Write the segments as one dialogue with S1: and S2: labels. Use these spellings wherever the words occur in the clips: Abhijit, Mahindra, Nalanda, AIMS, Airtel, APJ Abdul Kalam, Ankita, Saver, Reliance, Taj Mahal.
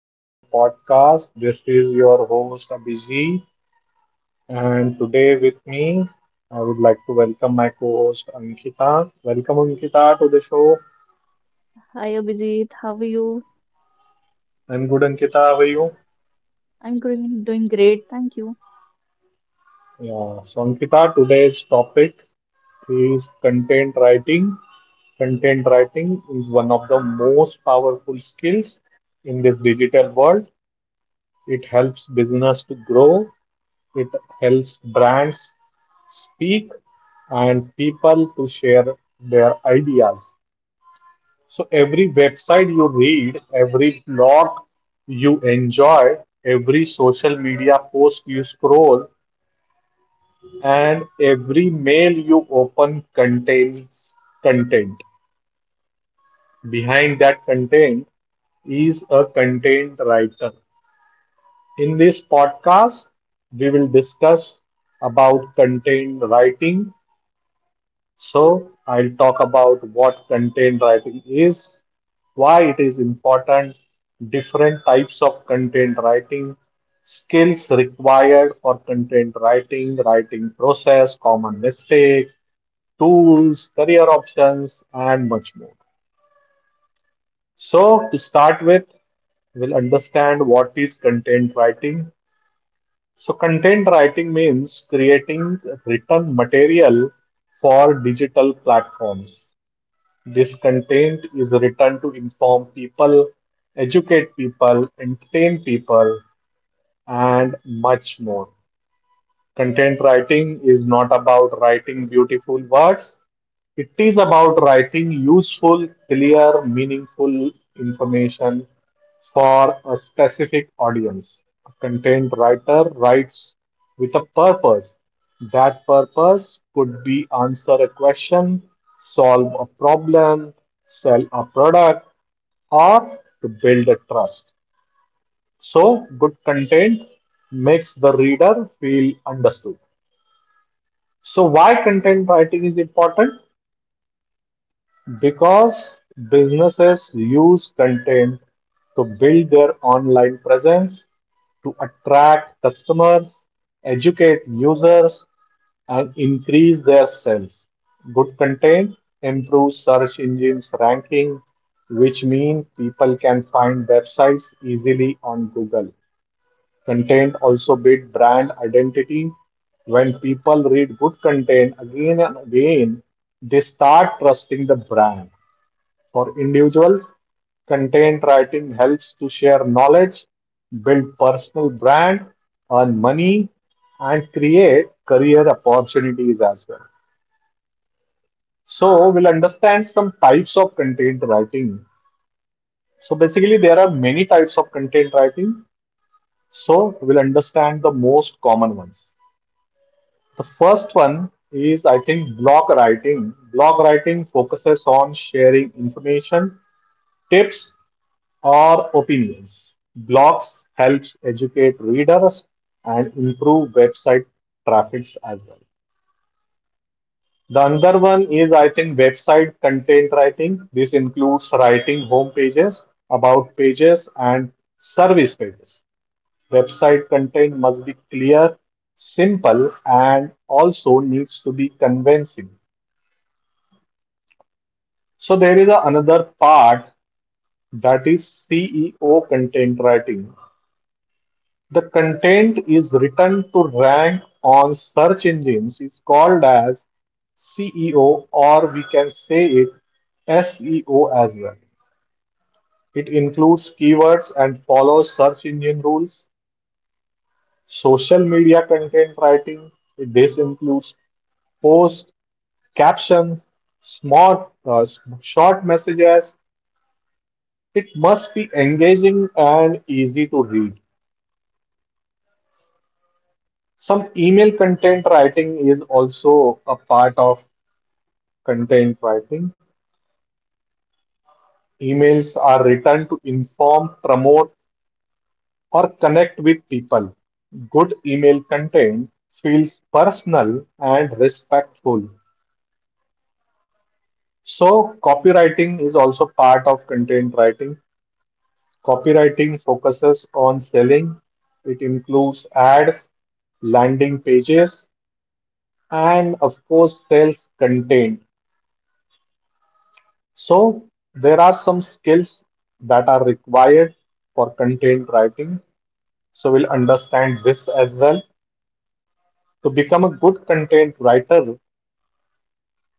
S1: to my podcast. This is your host, Abhijit. And today with me, I would like to welcome my co-host, Ankita. Welcome, Ankita, to the show.
S2: Hi, Abhijit. How are you?
S1: I'm good, Ankita. How are you?
S2: I'm doing great. Thank you.
S1: Yeah. So, Ankita, today's topic is content writing. Content writing is one of the most powerful skills in this digital world. It helps business to grow. It helps brands speak and people to share their ideas. So every website you read, every blog you enjoy, every social media post you scroll, and every mail you open contains content. Behind that content is a content writer. In this podcast, we will discuss about content writing. So, I'll talk about what content writing is, why it is important, different types of content writing, skills required for content writing, writing process, common mistakes, tools, career options, and much more. So, to start with, we'll understand what is content writing. So, content writing means creating written material for digital platforms. This content is written to inform people, educate people, entertain people, and much more. Content writing is not about writing beautiful words. It is about writing useful, clear, meaningful information for a specific audience. A content writer writes with a purpose. That purpose could be answer a question, solve a problem, sell a product, or to build a trust. So, good content makes the reader feel understood. So why content writing is important? Because businesses use content to build their online presence, to attract customers, educate users, and increase their sales. Good content improves search engines ranking, which means people can find websites easily on Google. Content also build brand identity. When people read good content again and again, they start trusting the brand. For individuals, content writing helps to share knowledge, build personal brand, earn money, and create career opportunities as well. So we'll understand some types of content writing. So basically, there are many types of content writing. So we'll understand the most common ones. The first one is, I think, blog writing. Blog writing focuses on sharing information, tips, or opinions. Blogs helps educate readers and improve website traffics as well. The other one is, I think, website content writing. This includes writing home pages, about pages, and service pages. Website content must be clear, simple, and also needs to be convincing. So there is another part that is CEO content writing. The content is written to rank on search engines is called as CEO, or we can say it SEO as well. It includes keywords and follows search engine rules. Social media content writing, this includes posts, captions, smart, short messages. It must be engaging and easy to read. Some email content writing is also a part of content writing. Emails are written to inform, promote, or connect with people. Good email content feels personal and respectful. So, copywriting is also part of content writing. Copywriting focuses on selling, it includes ads, landing pages, and of course sales content. So there are some skills that are required for content writing. So we'll understand this as well. To become a good content writer,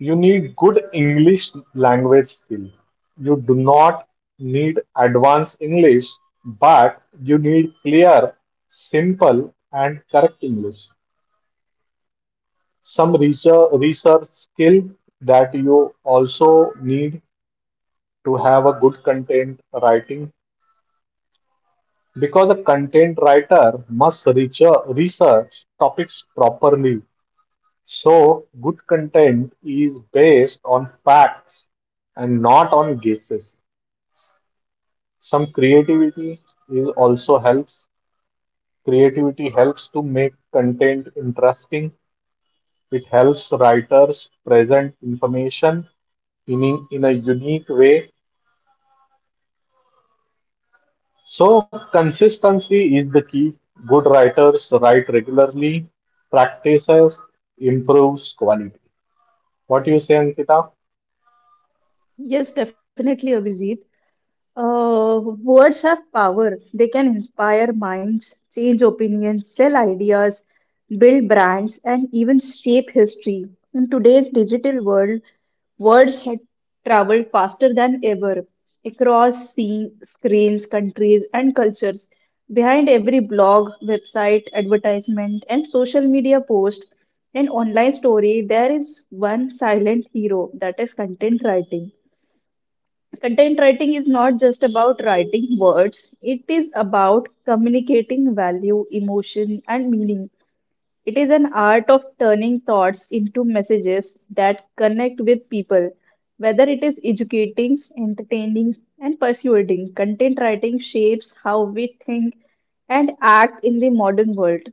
S1: you need good English language skill. You do not need advanced English, but you need clear, simple, and correct English. Some research skill that you also need to have a good content writing, because a content writer must research topics properly. So, good content is based on facts and not on guesses. Some creativity is also helps. Creativity helps to make content interesting. It helps writers present information in a unique way. So, consistency is the key. Good writers write regularly, practices improves quality. What do you say, Ankita?
S2: Yes, definitely, Abhijit. Words have power. They can inspire minds, change opinions, sell ideas, build brands, and even shape history. In today's digital world, words had traveled faster than ever across sea, screens, countries, and cultures. Behind every blog, website, advertisement, and social media post and online story, there is one silent hero, that is content writing. Content writing is not just about writing words, it is about communicating value, emotion, and meaning. It is an art of turning thoughts into messages that connect with people. Whether it is educating, entertaining, and persuading, content writing shapes how we think and act in the modern world.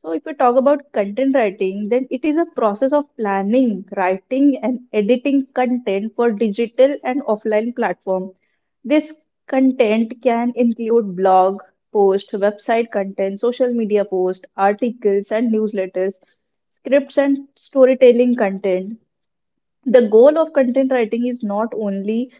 S2: So, if we talk about content writing, then it is a process of planning, writing, and editing content for digital and offline platform. This content can include blog post, website content, social media post, articles and newsletters, scripts and storytelling content. The goal of content writing is not only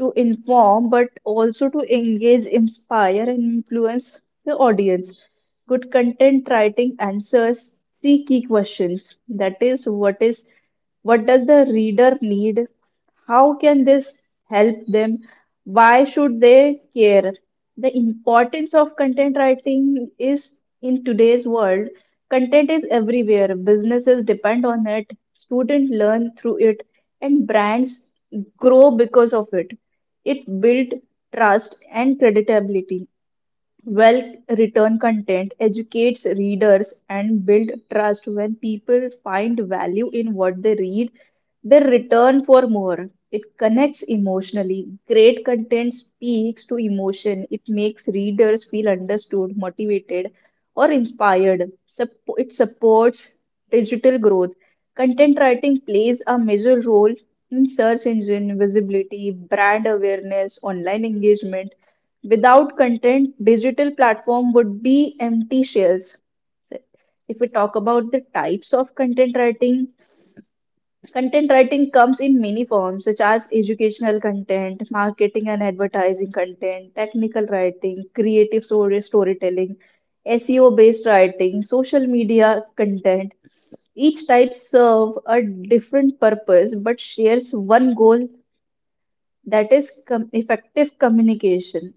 S2: to inform but also to engage, inspire, and influence the audience. Good content writing answers three key questions. That is, what does the reader need? How can this help them? Why should they care? The importance of content writing is in today's world. Content is everywhere, businesses depend on it, students learn through it, and brands grow because of it. It builds trust and credibility. Well-written content educates readers and build trust. When people find value in what they read, they return for more. It connects emotionally. Great content speaks to emotion. It makes readers feel understood, motivated, or inspired. It supports digital growth. Content writing plays a major role in search engine visibility, brand awareness, online engagement. Without content, digital platform would be empty shells. If we talk about the types of content writing comes in many forms, such as educational content, marketing and advertising content, technical writing, creative story storytelling, SEO based writing, social media content. Each type serve a different purpose but shares one goal, that is effective communication.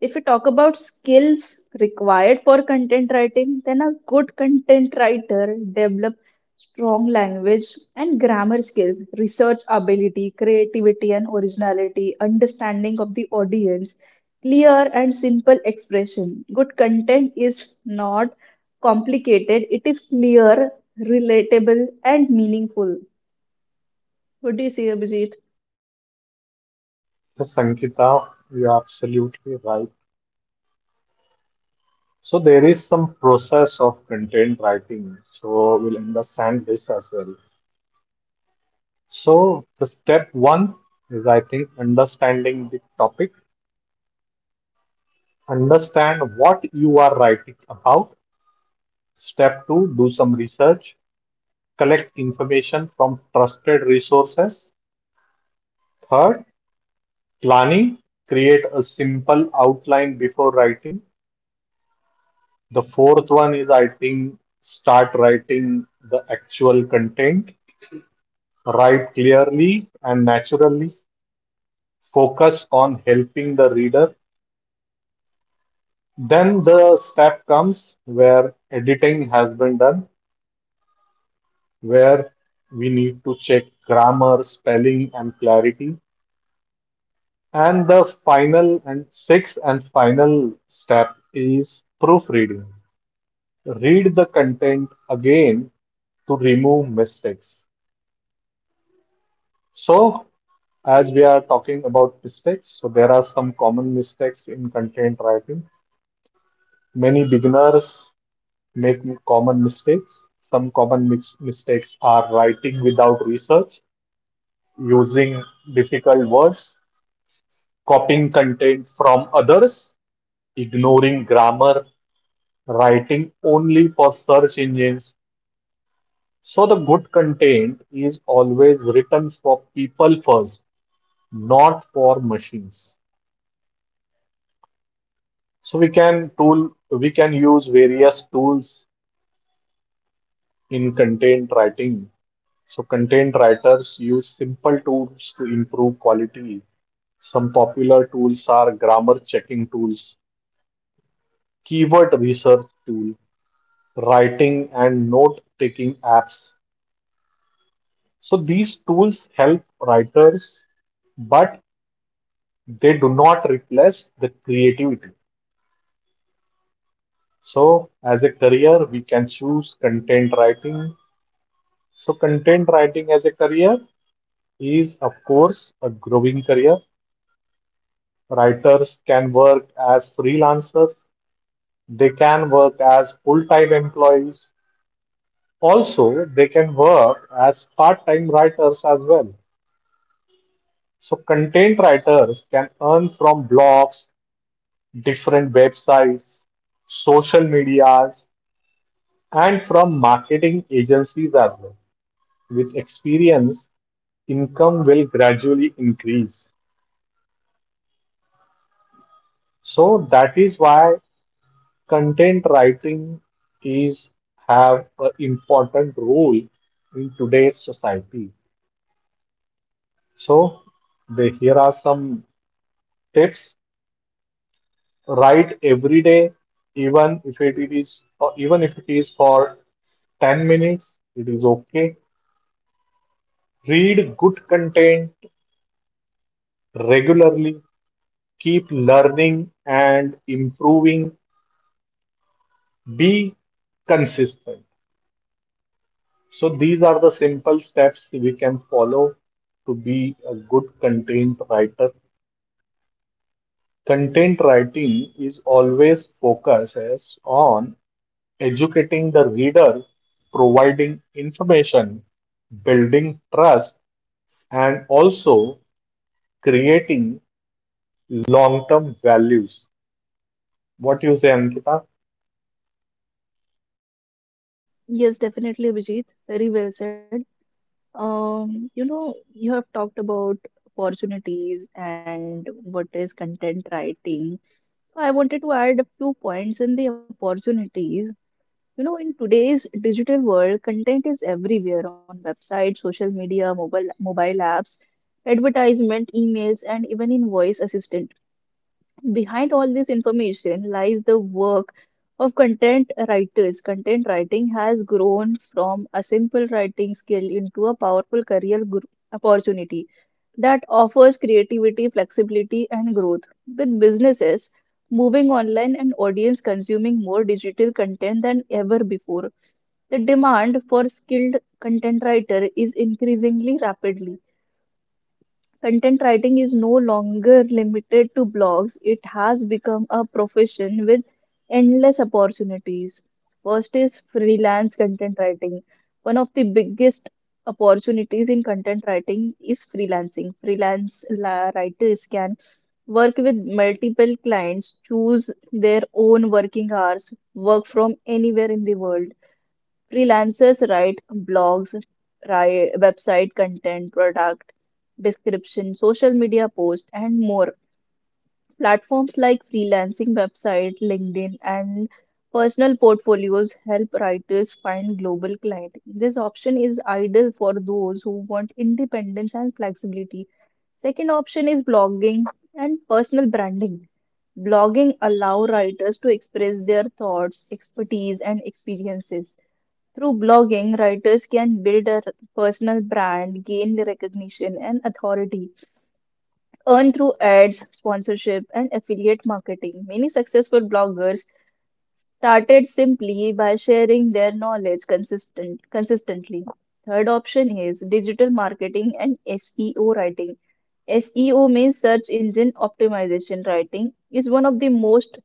S2: If we talk about skills required for content writing, then a good content writer develop strong language and grammar skills, research ability, creativity and originality, understanding of the audience, clear and simple expression. Good content is not complicated, it is clear, relatable and meaningful. What do you say, Abhijit?
S1: Yes, Ankita, you're absolutely right. So, there is some process of content writing. So, we'll understand this as well. So, the step one is, I think, understanding the topic. Understand what you are writing about. Step two, do some research. Collect information from trusted resources. Third, planning, create a simple outline before writing. The fourth one is, I think, start writing the actual content, write clearly and naturally, focus on helping the reader. Then the step comes where editing has been done, where we need to check grammar, spelling, and clarity. And the final and sixth and final step is proofreading. Read the content again to remove mistakes. So, as we are talking about mistakes, so there are some common mistakes in content writing. Many beginners make common mistakes. Some common mistakes are writing without research, using difficult words, copying content from others, ignoring grammar, writing only for search engines. So the good content is always written for people first, not for machines. So we can use various tools in content writing. So content writers use simple tools to improve quality. Some popular tools are grammar checking tools, keyword research tool, writing and note taking apps. So these tools help writers, but they do not replace the creativity. So as a career, we can choose content writing. So content writing as a career is, of course, a growing career. Writers can work as freelancers. They can work as full-time employees. Also, they can work as part-time writers as well. So content writers can earn from blogs, different websites, social medias, and from marketing agencies as well. With experience, income will gradually increase. So that is why content writing is have an important role in today's society. So they, here are some tips. Write every day, even if it is for 10 minutes, it is okay. Read good content regularly, keep learning and improving, be consistent. So, these are the simple steps we can follow to be a good content writer. Content writing is always focuses on educating the reader, providing information, building trust, and also creating long term values. What do you say, Ankita?
S2: Yes, definitely, Abhijit. Very well said. You have talked about opportunities and what is content writing. So I wanted to add a few points in the opportunities. You know, in today's digital world, content is everywhere on websites, social media, mobile apps, advertisement, emails, and even in voice assistant. Behind all this information lies the work of content writers. Content writing has grown from a simple writing skill into a powerful career opportunity that offers creativity, flexibility, and growth. With businesses moving online and audience consuming more digital content than ever before, the demand for skilled content writer is increasingly rapidly. Content writing is no longer limited to blogs, it has become a profession with endless opportunities. First is freelance content writing. One of the biggest opportunities in content writing is freelancing. Writers can work with multiple clients, choose their own working hours, work from anywhere in the world. Freelancers write blogs, write website content, product description, social media posts, and more. Platforms like freelancing website, LinkedIn, and personal portfolios help writers find global clients. This option is ideal for those who want independence and flexibility. Second option is blogging and personal branding. Blogging allow writers to express their thoughts, expertise, and experiences. Through blogging, writers can build a personal brand, gain recognition and authority, earn through ads, sponsorship, and affiliate marketing. Many successful bloggers started simply by sharing their knowledge consistently. Third option is digital marketing and SEO writing. SEO means search engine optimization writing is one of the most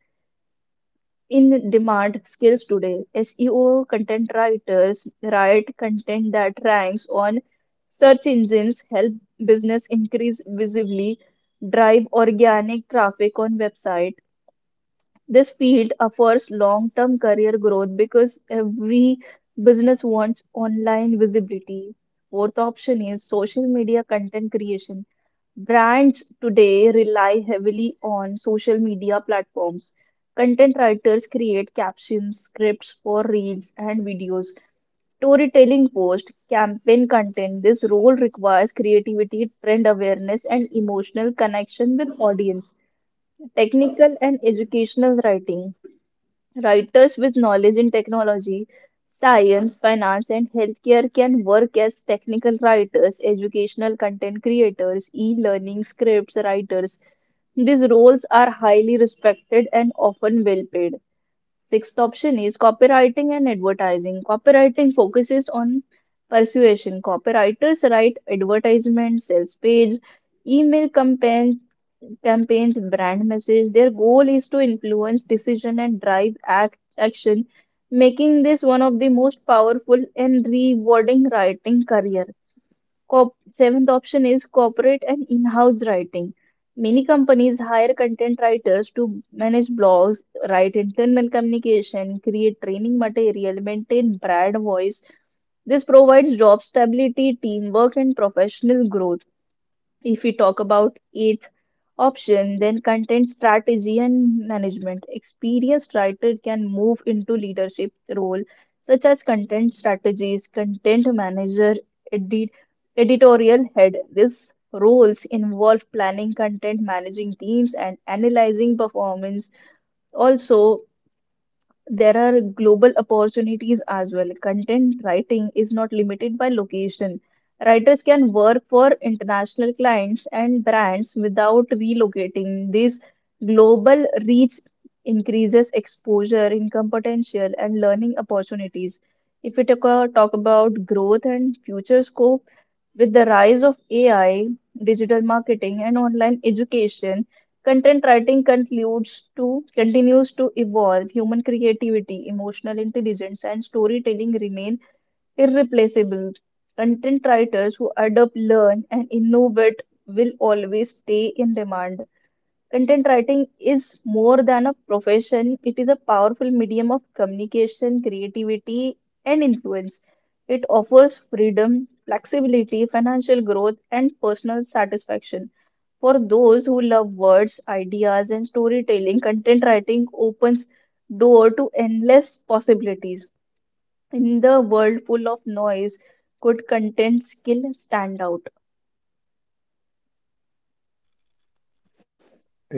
S2: in demand skills today. SEO content writers write content that ranks on search engines, help business increase visibly, drive organic traffic on website. This field offers long-term career growth because every business wants online visibility. Fourth option is social media content creation. Brands today rely heavily on social media platforms. Content writers create captions, scripts for reels and videos, storytelling posts, campaign content. This role requires creativity, trend awareness, and emotional connection with audience. Technical and educational writing. Writers with knowledge in technology, science, finance, and healthcare can work as technical writers, educational content creators, e learning scripts writers. These roles are highly respected and often well paid. Sixth option is copywriting and advertising. Copywriting focuses on persuasion. Copywriters write advertisements, sales page, email campaign, campaigns, brand message. Their goal is to influence decision and drive action, making this one of the most powerful and rewarding writing career. Seventh option is corporate and in-house writing. Many companies hire content writers to manage blogs, write internal communication, create training material, maintain brand voice. This provides job stability, teamwork, and professional growth. If we talk about eighth option, then content strategy and management. Experienced writer can move into leadership role such as content strategist, content manager, edit, editorial head. These roles involve planning content, managing teams, and analyzing performance. Also, there are global opportunities as well. Content writing is not limited by location. Writers can work for international clients and brands without relocating. This global reach increases exposure, income potential, and learning opportunities. If we talk about growth and future scope, with the rise of AI, digital marketing, and online education, content writing concludes to continues to evolve. Human creativity, emotional intelligence, and storytelling remain irreplaceable. Content writers who adapt, learn, and innovate will always stay in demand. Content writing is more than a profession, it is a powerful medium of communication, creativity, and influence. It offers freedom, flexibility, financial growth, and personal satisfaction. For those who love words, ideas, and storytelling, content writing opens door to endless possibilities. In the world full of noise, could content skill stand out?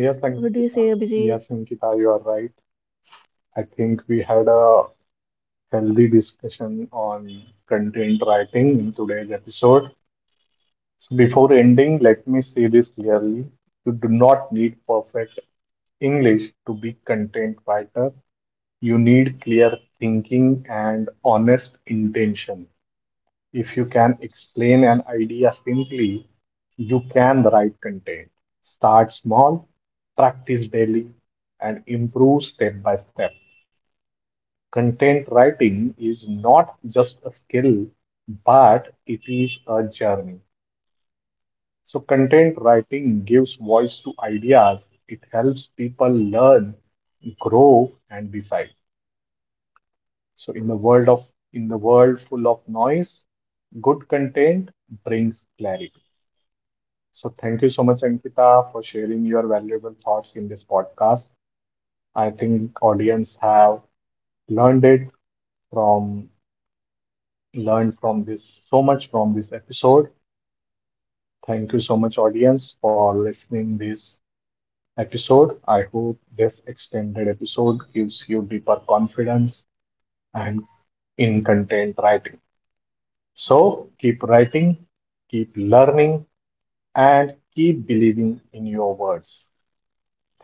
S1: Yes,
S2: What do you say,
S1: Ankita.
S2: Abhijit?
S1: Yes, Ankita, you are right. I think we had a healthy discussion on content writing in today's episode. So before ending, let me say this clearly. You do not need perfect English to be content writer. You need clear thinking and honest intention. If you can explain an idea simply, you can write content. Start small, practice daily, and improve step by step. Content writing is not just a skill, but it is a journey. So, content writing gives voice to ideas, it helps people learn, grow, and decide. So, in the world full of noise, good content brings clarity. So, thank you so much, Ankita, for sharing your valuable thoughts in this podcast. I think audience have learned it from learned from this so much from this episode. Thank you so much, audience, for listening this episode. I hope this extended episode gives you deeper confidence and in content writing. So keep writing, keep learning, and keep believing in your words.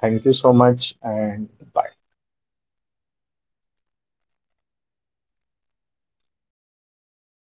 S1: Thank you so much, and bye.